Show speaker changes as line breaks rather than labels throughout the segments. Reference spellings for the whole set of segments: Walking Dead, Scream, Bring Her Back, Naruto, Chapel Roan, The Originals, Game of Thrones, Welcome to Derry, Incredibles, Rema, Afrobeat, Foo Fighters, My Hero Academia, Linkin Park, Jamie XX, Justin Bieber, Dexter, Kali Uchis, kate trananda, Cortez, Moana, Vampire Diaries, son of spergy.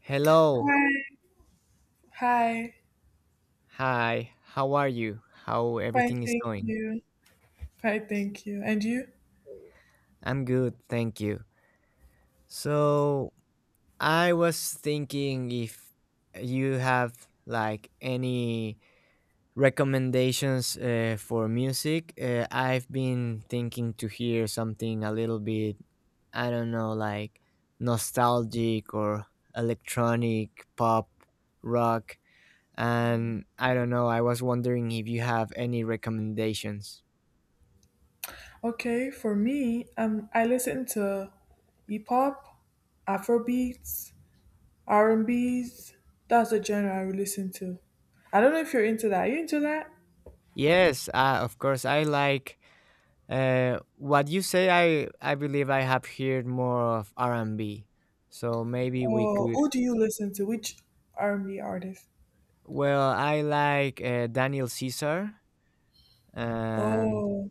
Hello.
Hi, hi.
Hi. How are you? How
Fine,
everything is
thank
going?
you. Fine, thank you. And you?
I'm good, thank you. So, I was thinking if you have like any recommendations for music. I've been thinking to hear something a little bit, I don't know, like nostalgic or electronic, pop, rock, and I don't know, I was wondering if you have any recommendations.
Okay, for me, I listen to hip hop, Afrobeats, R&B's. That's the genre I would listen to. I don't know if you're into that. Are you into that?
Yes, of course. I like what you say. I believe I have heard more of R and B, so maybe we
Or
could.
who do you listen to? Which R&B artist?
Well, I like Daniel Caesar, and
Oh,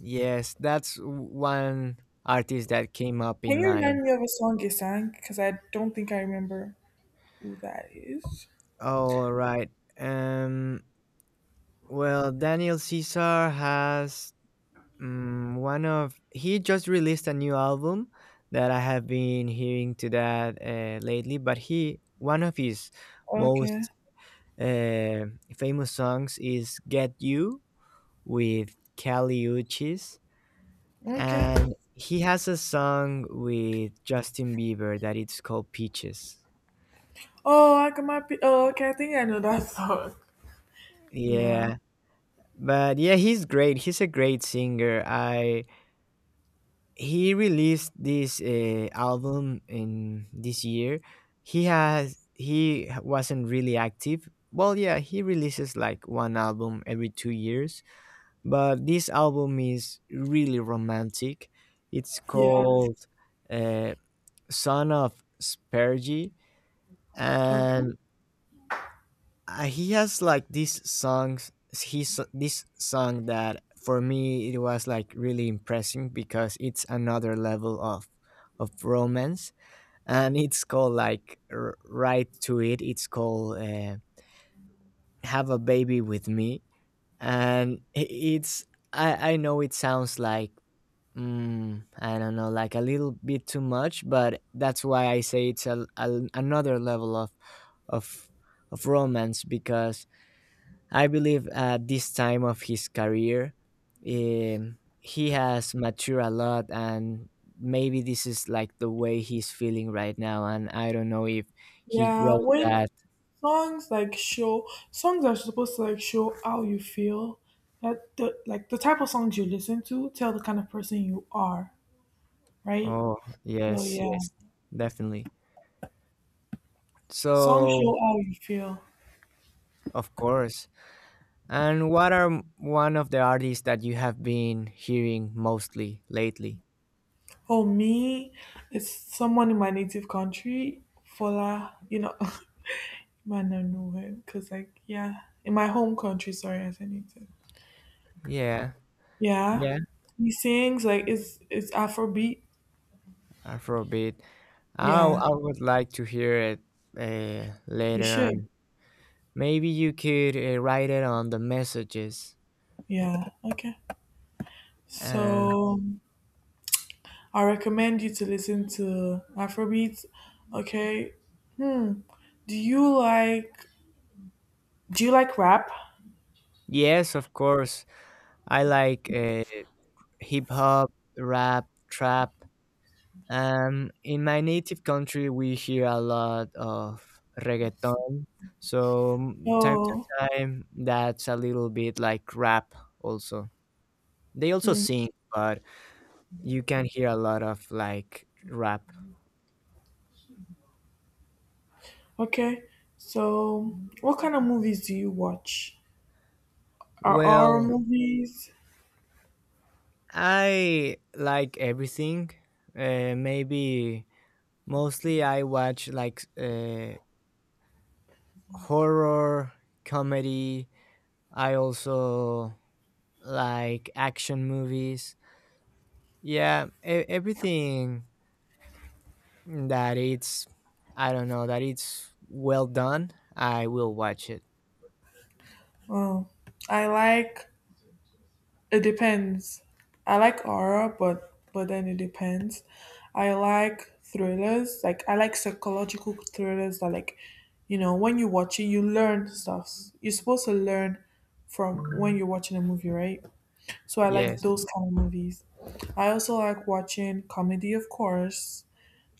yes, that's one artist that came up
can
in
you
mind.
remind me of a song you sang? Because I don't think I remember who that is.
All right. Um. Well, Daniel Caesar has one of he just released a new album that I have been hearing to that lately. But he one of his
Okay.
most uh, famous songs is "Get You" with Kali Uchis,
Okay.
and he has a song with Justin Bieber that it's called "Peaches."
Oh, I come I? Oh, okay. I think I know that song. Yeah,
Yeah, but yeah, he's great. He's a great singer. I He released this album in this year. He wasn't really active. Well, yeah, he releases like one album every 2 years, but this album is really romantic. It's
yeah,
called uh, son of spergy,
okay.
and he has like these songs. He's This song that for me it was like really impressive because it's another level of romance, and it's called like right to it. It's called have a baby with me, and it's I know it sounds like I don't know, like a little bit too much, but that's why I say it's a another level of of romance because I believe at this time of his career, he has matured a lot, and maybe this is like the way he's feeling right now. And I don't know if he
Yeah,
wrote
when
that.
songs like show songs are supposed to like show how you feel, that the type of songs you listen to tell the kind of person you are, right?
Oh,
So
yes,
yeah,
yes, definitely.
songs
So,
show how you feel.
of course. And what are one of the artists that you have been hearing mostly lately?
Oh me, it's someone in my native country, Fola, man, I know him because like yeah, in my home country, sorry, as a native.
Yeah,
Yeah,
yeah,
he sings like it's Afrobeat.
Afrobeat.
Yeah,
I would like to hear it
you
later
should.
on. Maybe you could write it on the messages.
Yeah, okay.
Uh,
So I recommend you to listen to Afrobeats. Okay. Hmm. Do you like do you like rap?
yes, of course. I like hip hop, rap, trap. In my native country, we hear a lot of reggaeton. So, time
Oh,
to time, that's a little bit like rap also. They also
hmm.
sing, but you can hear a lot of like rap.
Okay. So what kind of movies do you watch? Are horror
Well,
movies?
I like everything. Maybe Mostly, I watch like horror, comedy. I also like action movies. Yeah, everything that it's I don't know that it's well done. I will watch it.
Oh, I like it depends. I like horror, but then it depends. I like thrillers. Like I like psychological thrillers that, when you watch it, you learn stuff. You're supposed to learn from when you're watching a movie, right? So I like
Yes.
those kind of movies. I also like watching comedy, of course,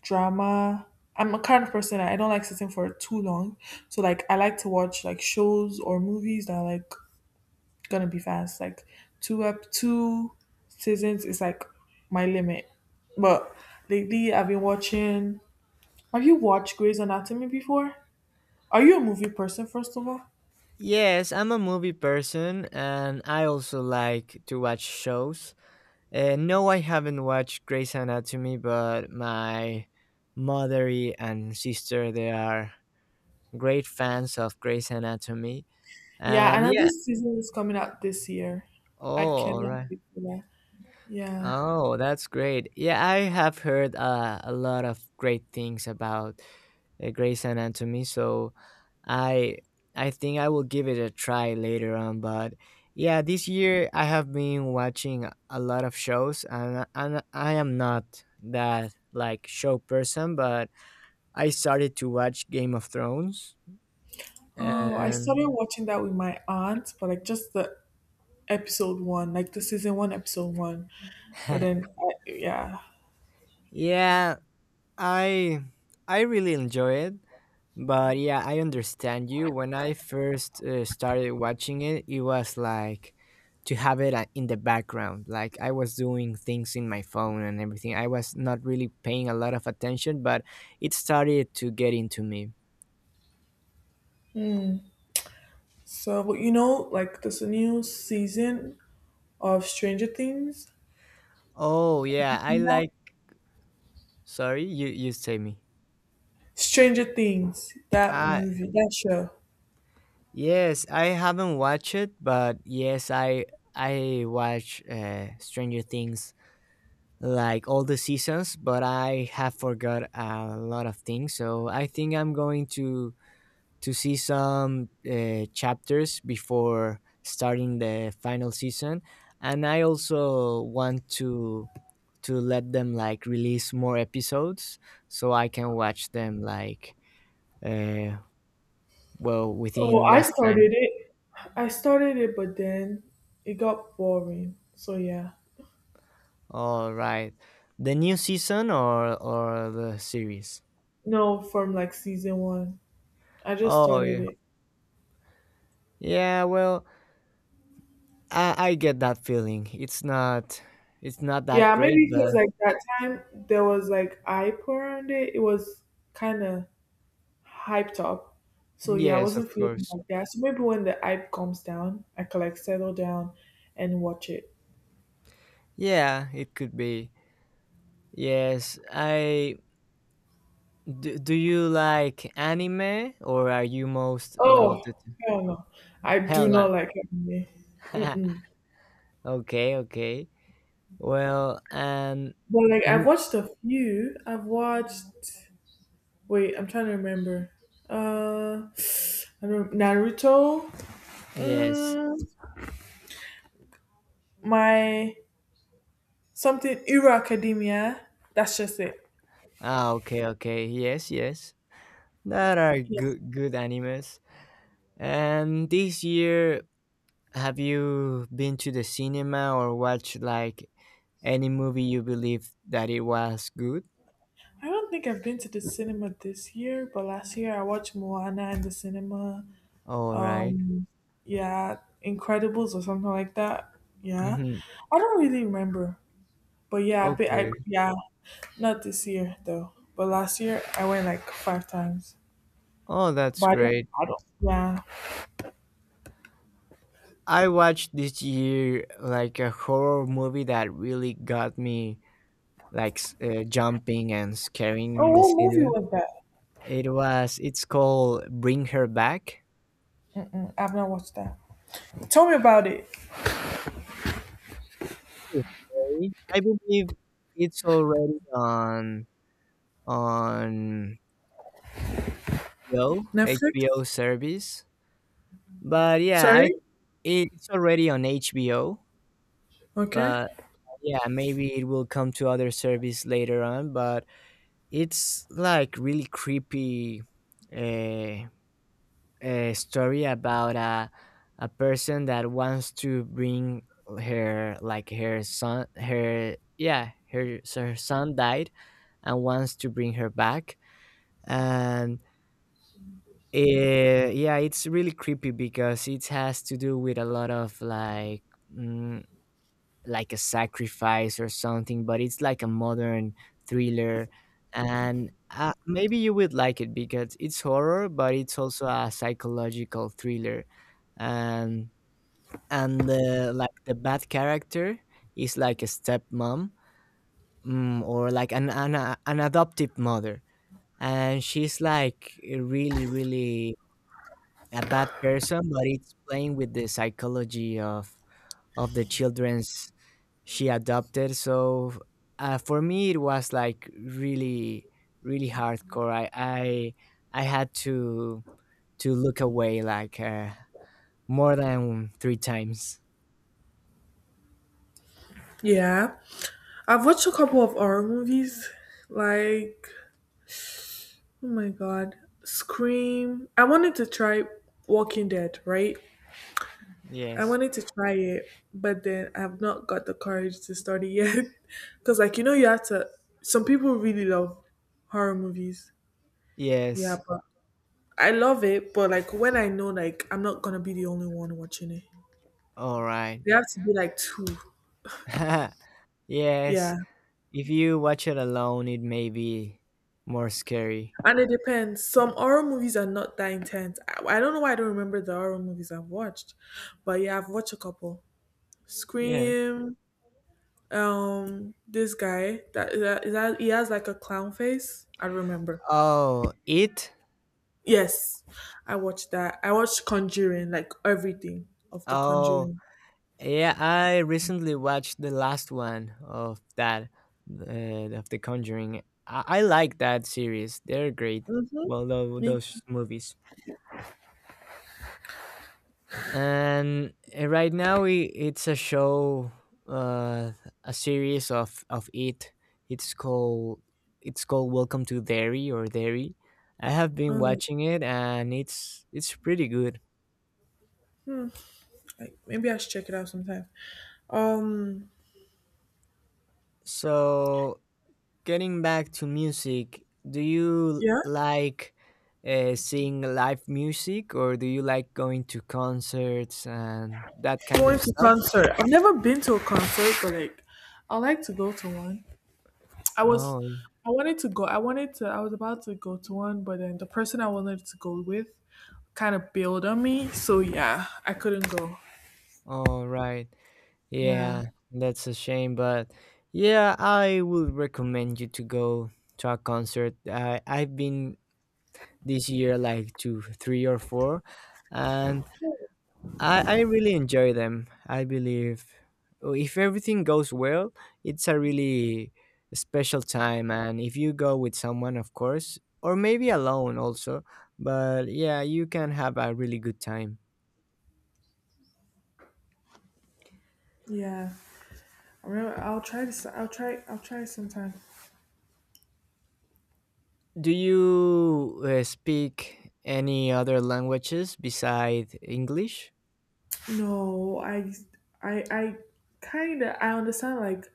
drama. I'm a kind of person that I don't like sitting for too long. So like I like to watch like shows or movies that are like gonna be fast. Like two seasons is like my limit. But lately I've been watching have you watched Grey's Anatomy before? Are you a movie person first of all?
Yes, I'm a movie person, and I also like to watch shows. No, I haven't watched Grey's Anatomy, but my mother and sister, they are great fans of Grey's Anatomy.
Yeah,
And
another
yeah,
season is coming out this year. I
oh, all
cannot
right.
wait for that. Yeah.
Oh, that's great. Yeah, I have heard a lot of great things about Grey's Anatomy, so I I think I will give it a try later on, but yeah, this year I have been watching a lot of shows, and I am not that like show person, but I started to watch Game of Thrones
Oh, I started
and
watching that with my aunt, but like just the episode one, like the season one, episode one. But then, yeah.
yeah, I I really enjoy it, but yeah, I understand you. When I first started watching it, it was like to have it in the background. Like I was doing things in my phone and everything. I was not really paying a lot of attention, but it started to get into me.
So, but like this new season of Stranger Things,
Oh yeah, I like. Sorry, you say me.
Stranger Things, that
Uh
movie, that show.
yes, I haven't watched it, but yes, I watch Stranger Things like all the seasons, but I have forgot a lot of things. So I think I'm going to see some chapters before starting the final season, and I also want to let them like release more episodes so I can watch them like uh, well
Oh,
within less time.
I started it, but then it got boring. So yeah,
All right, the new season or the series.
no, from like season one, I just
Oh
started
yeah,
it.
yeah. Well, I get that feeling. It's not that
Yeah, maybe
great, but
because like that time there was like hype around it. It was kind of hyped up. So yeah, I
yes, of
wasn't feeling
course.
like that. So maybe when the hype comes down, I can like settle down and watch it.
Yeah, it could be. Yes, I do, do you like anime or are you most of the
Oh, hell no, I do
hella?
not like anime. Mm-mm.
okay, okay. Well, and
But like I've
mo-
watched a few. I've watched. Wait, I'm trying to remember. Uh, I don't Naruto.
yes.
Mm, my something Hero Academia. That's just it.
Ah, okay, okay. Yes, yes. That are
Yeah.
good animes. And this year have you been to the cinema or watched like any movie you believe that it was good?
I don't think I've been to the cinema this year, but last year I watched Moana in the cinema.
All right.
Yeah, Incredibles or something like that. Yeah,
Mm-hmm.
I don't really remember, but yeah, I, be- I
Okay.
yeah, not this year though. But last year I went like five times.
Oh, that's
But
great.
I don't. Yeah.
I watched this year like a horror movie that really got me like jumping and scaring
Oh,
in the
what movie
cinema.
was that?
It's called Bring Her Back.
I've not watched that. Tell me about it.
Okay. I believe it's already on Yo HBO
Netflix?
service. But yeah, I
Sorry?
it's already on HBO,
Okay.
but yeah, maybe it will come to other service later on, but it's like really creepy. uh, a story about a person that wants to bring her like her son her yeah, her son died and wants to bring her back, and yeah, it's really creepy because it has to do with a lot of like mm, like a sacrifice or something, but it's like a modern thriller. And maybe you would like it because it's horror, but it's also a psychological thriller. And the like the bad character is like a stepmom, or like an adoptive mother, and she's like a really really, a bad person, but it's playing with the psychology of the children's she adopted. So for me, it was like really, really hardcore. I had to look away like more than 3 times.
Yeah. I've watched a couple of horror movies. Like, oh my God. Scream. I wanted to try Walking Dead, right? I
Yes.
wanted to try it, but then I've not got the courage to start it yet. Because, like, you have to. Some people really love horror movies. Yeah,
Yes.
but I love it, but like when I know like I'm not gonna be the only one watching it.
All right.
There have to be like two.
yes.
Yeah.
If you watch it alone, it may be more scary.
And it depends. Some horror movies are not that intense. I don't know why I don't remember the horror movies I've watched. But yeah, I've watched a couple.
Yeah.
Scream, this guy that he has like a clown face. I remember.
Oh, it.
Yes. I watched that. I watched Conjuring, like everything of the
Oh,
Conjuring.
yeah, I recently watched the last one of that of The Conjuring. I like that series. They're great.
Mm-hmm.
Well,
Me too.
those movies. And right now, it's a show, uh, a series of it. It's called Welcome to Derry or Derry. I have been
Mm.
watching it, and it's pretty good.
Like maybe I should check it out sometime. Um,
So getting back to music, do you
yeah,
like seeing live music or do you like going to concerts and that kind of
going to
stuff?
concert. I've never been to a concert, but like I like to go to one. I was,
Oh,
I wanted to go. I wanted to. I was about to go to one, but then the person I wanted to go with kind of bailed on me. So yeah, I couldn't go.
all right.
Yeah,
Yeah, that's a shame, but yeah, I would recommend you to go to a concert. I've been this year like to 3 or 4, and I really enjoy them. I believe if everything goes well, it's a really special time. And if you go with someone, of course, or maybe alone also, but yeah, you can have a really good time.
yeah. I remember, I'll try to. I'll try. I'll try sometime.
Do you speak any other languages besides English?
No, I kind of I understand like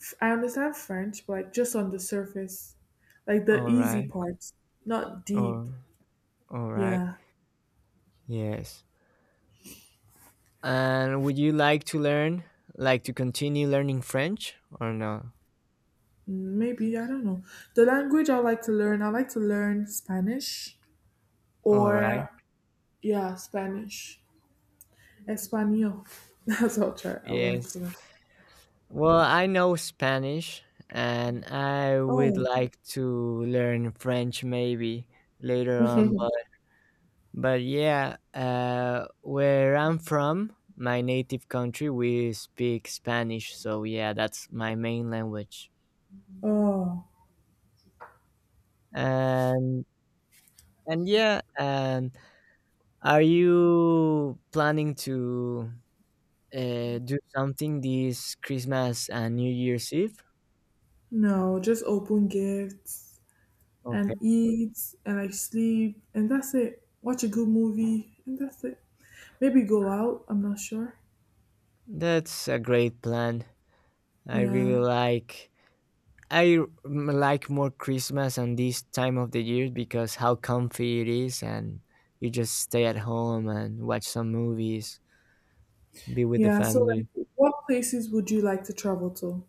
I understand French, but like just on the surface, like the
All
easy
right.
parts, not deep.
Or all right.
Yeah,
Yes. And would you like to learn, like to continue learning French or no?
Maybe I don't know. The language I like to learn, I like to learn Spanish
All right.
or yeah, Spanish, Espanol. That's what I'll try. I would like to
Yes.
learn.
Well, I know Spanish, and I would
Oh,
like to learn French maybe later on, but yeah, where I'm from, my native country, we speak Spanish, so yeah, that's my main language.
oh
And yeah, and are you planning to do something this Christmas and New Year's Eve?
no, just open gifts.
Okay.
And eat and I sleep and that's it. Watch a good movie and that's it. Maybe go out, I'm not sure.
That's a great plan. I
Yeah.
really like more Christmas and this time of the year because how comfy it is, and you just stay at home and watch some movies, be with the
Yeah. So like
family.
what places would you like to travel to?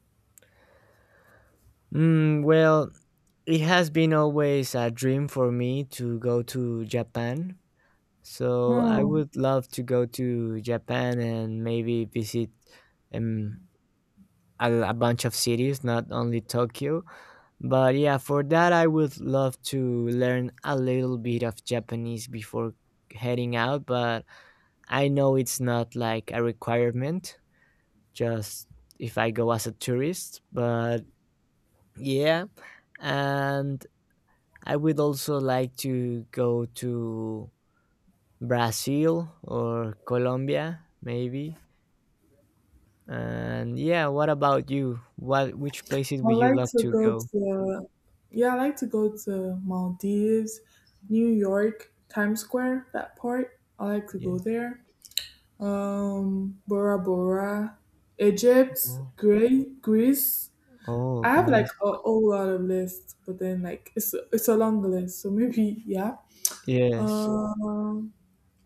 Well, it has been always a dream for me to go to Japan. So I
Oh,
would love to go to Japan and maybe visit um, a bunch of cities, not only Tokyo. But yeah, for that, I would love to learn a little bit of Japanese before heading out, but I know it's not like a requirement, just if I go as a tourist. But yeah, and I would also like to go to Brazil or Colombia, maybe. And yeah, what about you? What which places
I
would you
like
love
to
to
go
go?
to yeah, I like to go to Maldives, New York, Times Square, that part. I like to
Yeah.
go there. Bora Bora, Egypt,
Oh,
Greece,
oh,
I have like
nice.
a whole lot of lists, but then like it's a long list, so maybe yeah.
Yes.
Um,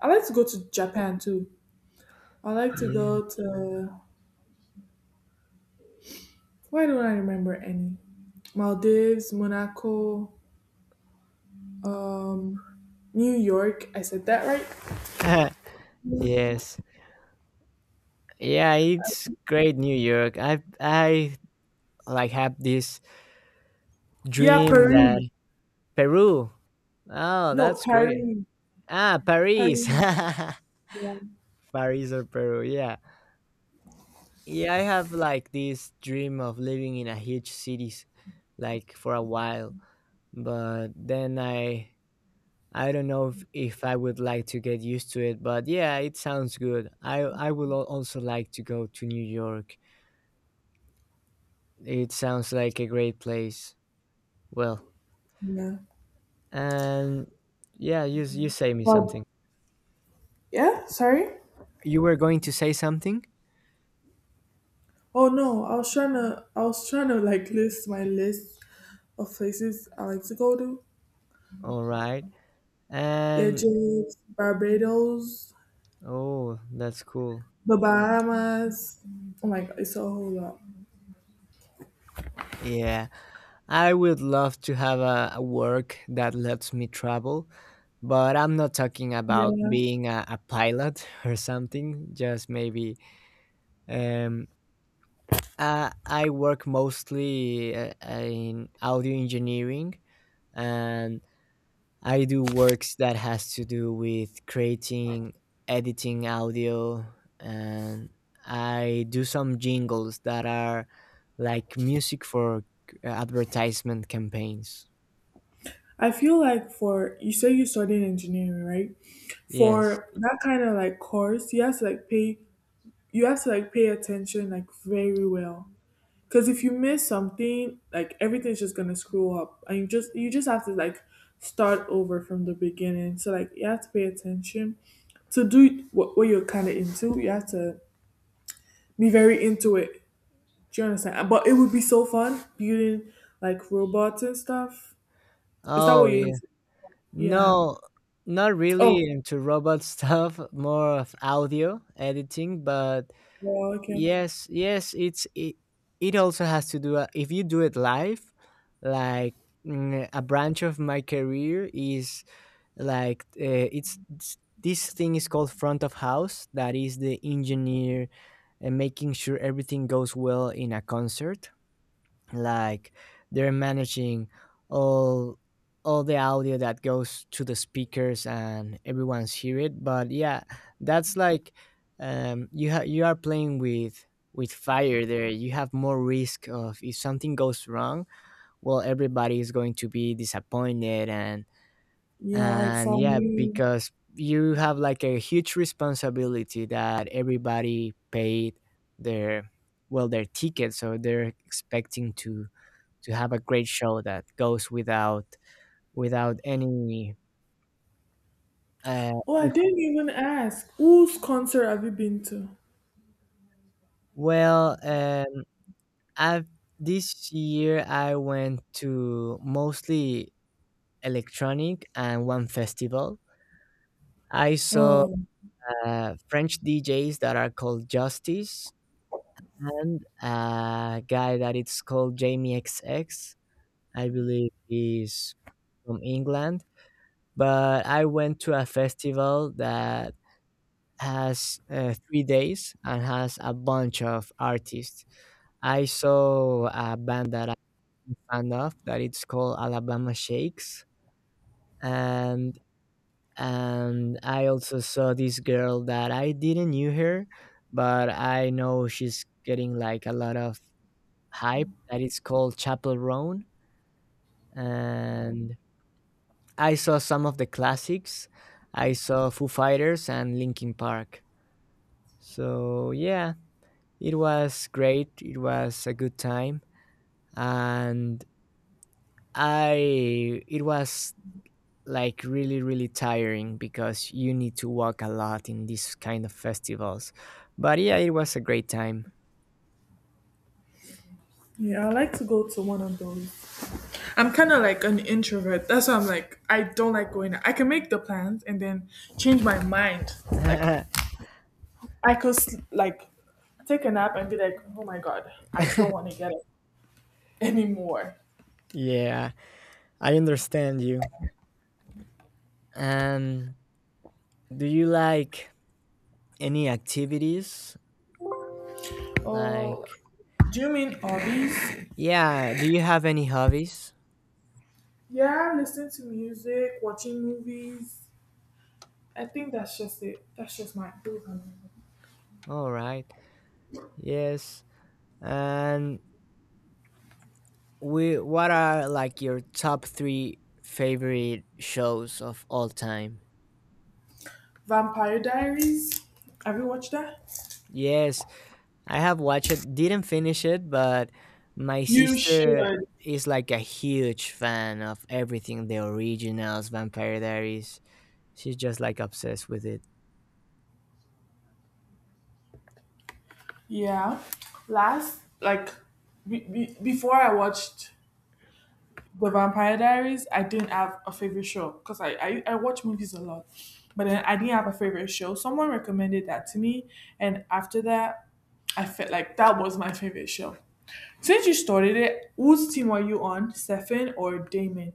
I like to go to Japan too. I like to
Yeah.
go to Why don't I remember any? Maldives, Monaco, um, New York. I said that right?
yes. Yeah, it's great New York. I like have this
Yeah,
dream that
Paris.
Peru. Oh,
No,
that's great.
Paris.
Ah, Paris.
Paris. Yeah.
Paris or Peru. Yeah. Yeah, I have like this dream of living in a huge cities like for a while, but then I don't know if I would like to get used to it, but yeah, it sounds good. I would also like to go to New York. It sounds like a great place. Well,
Yeah.
and yeah, you say me
Well,
something.
yeah. Sorry.
You were going to say something?
Oh no, I was trying to like list my list of places I like to go to.
All right. And
Egypt, Barbados,
oh, that's cool.
the Bahamas. Oh my God, it's a whole lot.
Yeah, I would love to have a work that lets me travel, but I'm not talking about
Yeah.
being a pilot or something, just maybe um I work mostly in audio engineering, and I do works that has to do with creating, editing audio, and I do some jingles that are like music for advertisement campaigns.
I feel like for you say you studying engineering, right?
Yes.
For that kind of like course, you have to like pay attention like very well. Cause if you miss something, like everything's just gonna screw up. And you just have to like start over from the beginning. So like you have to pay attention to do what you're kind of into. You have to be very into it. Do you understand? But it would be so fun building like robots and stuff. Is that what
Oh,
you
yeah.
into? Yeah.
No, not
Oh,
really into robot stuff, more of audio editing, but
well, okay.
yes, yes, it also has to do if you do it live. Like, a branch of my career is, like, it's this thing is called front of house, that is the engineer, and making sure everything goes well in a concert. Like, they're managing all all the audio that goes to the speakers and everyone's hear it. But yeah, that's like, you are playing with fire there. You have more risk of if something goes wrong, well, everybody is going to be disappointed. And
Yeah, it's on
yeah,
you.
because you have like a huge responsibility that everybody paid their, well, their ticket, so they're expecting to have a great show that goes without uh
Oh, I
any.
didn't even ask. Whose concert have you been to?
Well I This year I went to mostly electronic and one festival. I saw
Oh,
french DJs that are called Justice, and a guy that it's called Jamie XX. I believe he's from England. But I went to a festival that has 3 days and has a bunch of artists. I saw a band that I'm a fan of that it's called Alabama Shakes, and I also saw this girl that I didn't knew her, but I know she's getting like a lot of hype that is called Chapel Roan. And I saw some of the classics. I saw Foo Fighters and Linkin Park. So yeah, it was great. It was a good time, and I it was like really, really tiring because you need to walk a lot in these kind of festivals. But yeah, it was a great time.
yeah, I like to go to one of those. I'm kind of like an introvert. That's why I'm like, I don't like going out. I can make the plans and then change my mind. Like,
Yeah,
I could, like, take a nap and be like, oh my God, I don't want to get up anymore.
I understand you. And do you like any activities?
Oh,
Like,
do you mean hobbies?
yeah, do you have any hobbies?
Yeah, listening to music, watching movies. I think that's just it. That's just my those are my hobbies.
All right. Yes. And we what are like your top three favorite shows of all time?
Vampire Diaries. Have you watched that?
Yes, I have watched it. Didn't finish it, but my
You
sister
should.
is like a huge fan of everything, the originals, Vampire Diaries. She's just like obsessed with it.
Yeah. Last, like, before I watched The Vampire Diaries, I didn't have a favorite show because I watch movies a lot, but then I didn't have a favorite show. Someone recommended that to me, and after that, I felt like that was my favorite show. Since you started it, whose team are you on, Stefan or Damon?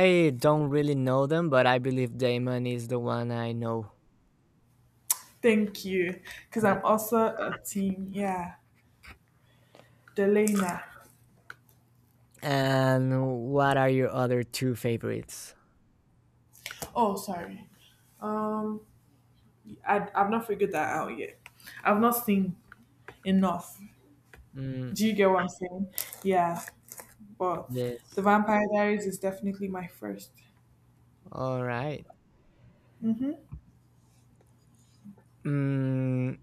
I don't really know them, but I believe Damon is the one I know.
Thank you, because
Uh,
I'm also a team. Yeah, Delena.
And what are your other two favorites?
Oh, sorry. Um, I've not figured that out yet. I've not seen enough.
Mm,
Do you get what I'm saying? Yeah. But The
yes.
Vampire Diaries is definitely my first.
All right.
Mm-hmm.
Mm,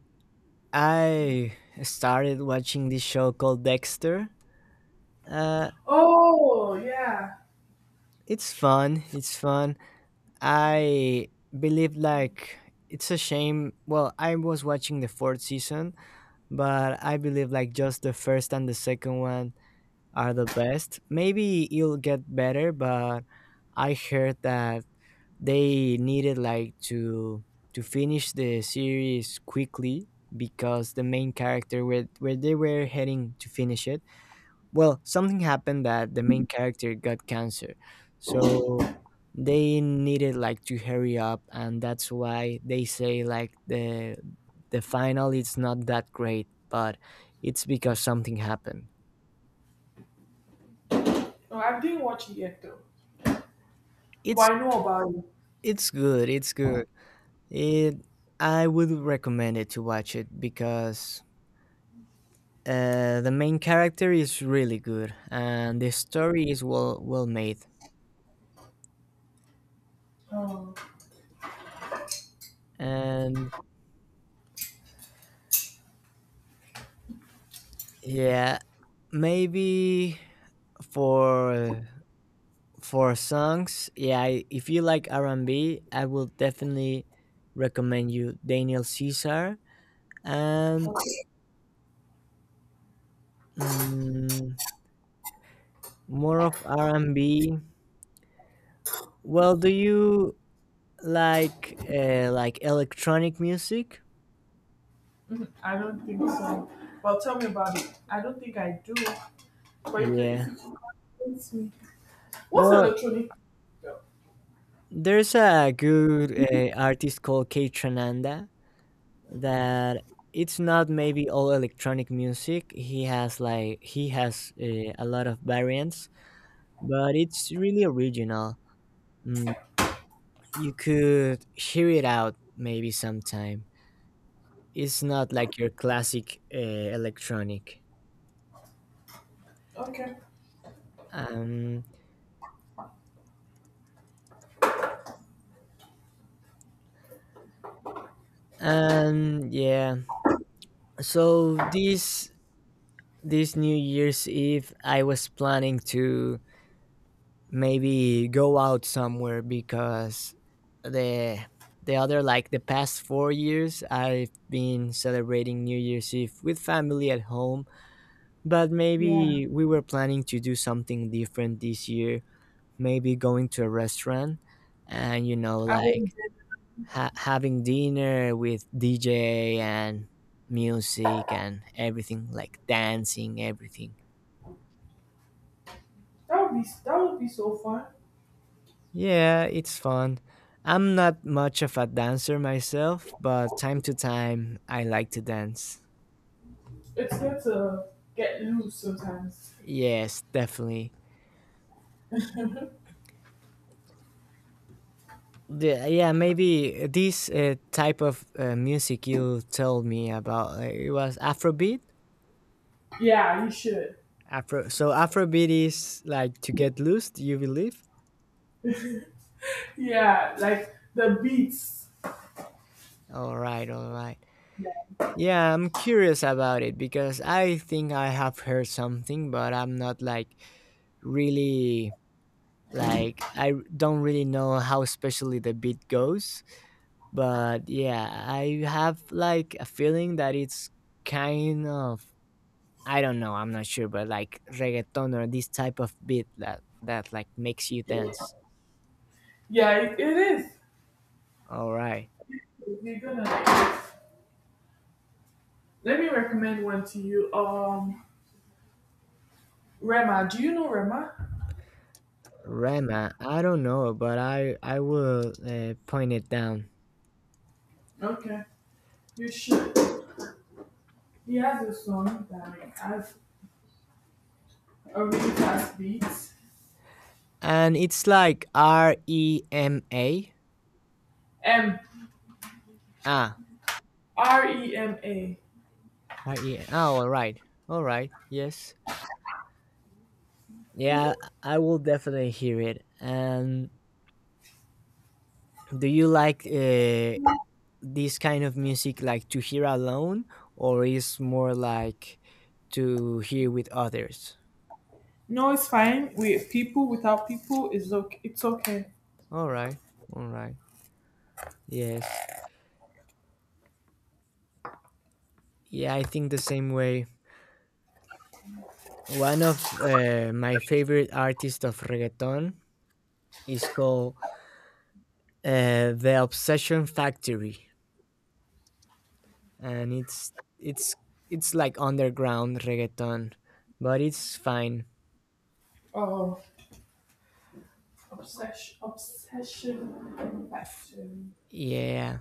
I started watching this show called Dexter. Uh,
Oh yeah.
it's fun. It's fun. I believe, like, it's a shame. Well, I was watching the fourth season, but I believe like just the first and the second one are the best. Maybe it'll get better, but I heard that they needed like to finish the series quickly because the main character, where they were heading to finish it. Well, something happened that the main character got cancer. So they needed like to hurry up, and that's why they say like the final is not that great, but it's because something happened.
No, I didn't watch it yet though. But
It's
I know about it.
it's good, it's good. It I would recommend it to watch it because the main character is really good and the story is well made.
Oh,
And yeah, maybe for for songs. Yeah, if you like R&B, I will definitely recommend you Daniel Caesar. And mm, more of r&b. Well, do you like electronic music?
I don't think so. Well, tell me about it. I don't think I do. But if
Yeah.
you can convince me. What's
Well,
electronic? Yeah.
there's a good artist called Kate Trananda, that it's not maybe all electronic music. He has a lot of variants, but it's really original. Mm, you could hear it out maybe sometime. It's not like your classic electronic.
Okay.
Um, and yeah, so this New Year's Eve, I was planning to maybe go out somewhere because the the other, like, the past 4 years, I've been celebrating New Year's Eve with family at home. But
Yeah.
maybe we were planning to do something different this year. Maybe going to a restaurant and,
I would.
like, having dinner with DJ and music and everything, like dancing, everything.
That would be so fun.
Yeah, it's fun. I'm not much of a dancer myself, but time to time I like to dance.
It's good to get loose sometimes.
Yes, definitely. Yeah, maybe this type of music you told me about, it was Afrobeat.
Yeah, you should.
So Afrobeat is like to get loose, you believe?
Yeah, like the beats.
All right, all right.
Yeah.
Yeah, I'm curious about it because I think I have heard something, but I'm not like really, like, I don't really know how especially the beat goes. But yeah, I have like a feeling that it's kind of, I don't know, I'm not sure, but like reggaeton or this type of beat that like makes you dance.
Yeah, it is.
All right.
You're gonna like it. Let me recommend one to you. Rema. Do you know Rema?
Rema. I don't know, but I will point it down.
Okay, you should. He has a song that like, has a really fast beat.
And it's like Rema.
M
Ah,
R E M A.
R E. Oh, all right, all right. Yes, yeah.
Mhm.
I will definitely hear it. And do you like this kind of music, like to hear alone, or is more like to hear with others?
No, it's fine. With people, without people, is okay. It's okay.
All right. All right. Yes. Yeah, I think the same way. One of my favorite artists of reggaeton is called The Obsession Factory, and it's it's like underground reggaeton, but it's fine.
Oh, obsession, obsession factor.
Yeah.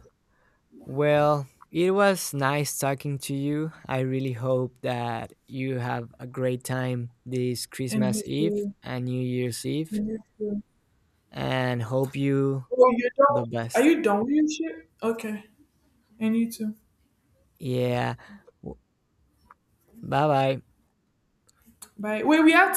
Well, it was nice talking to you. I really hope that you have a great time this
In
Christmas Eve
history,
and New Year's Eve,
in history.
and hope you
Oh, you're done.
the
Are
best.
you done with your shit? Okay, and you too.
Yeah. Bye bye.
Right. Well, we have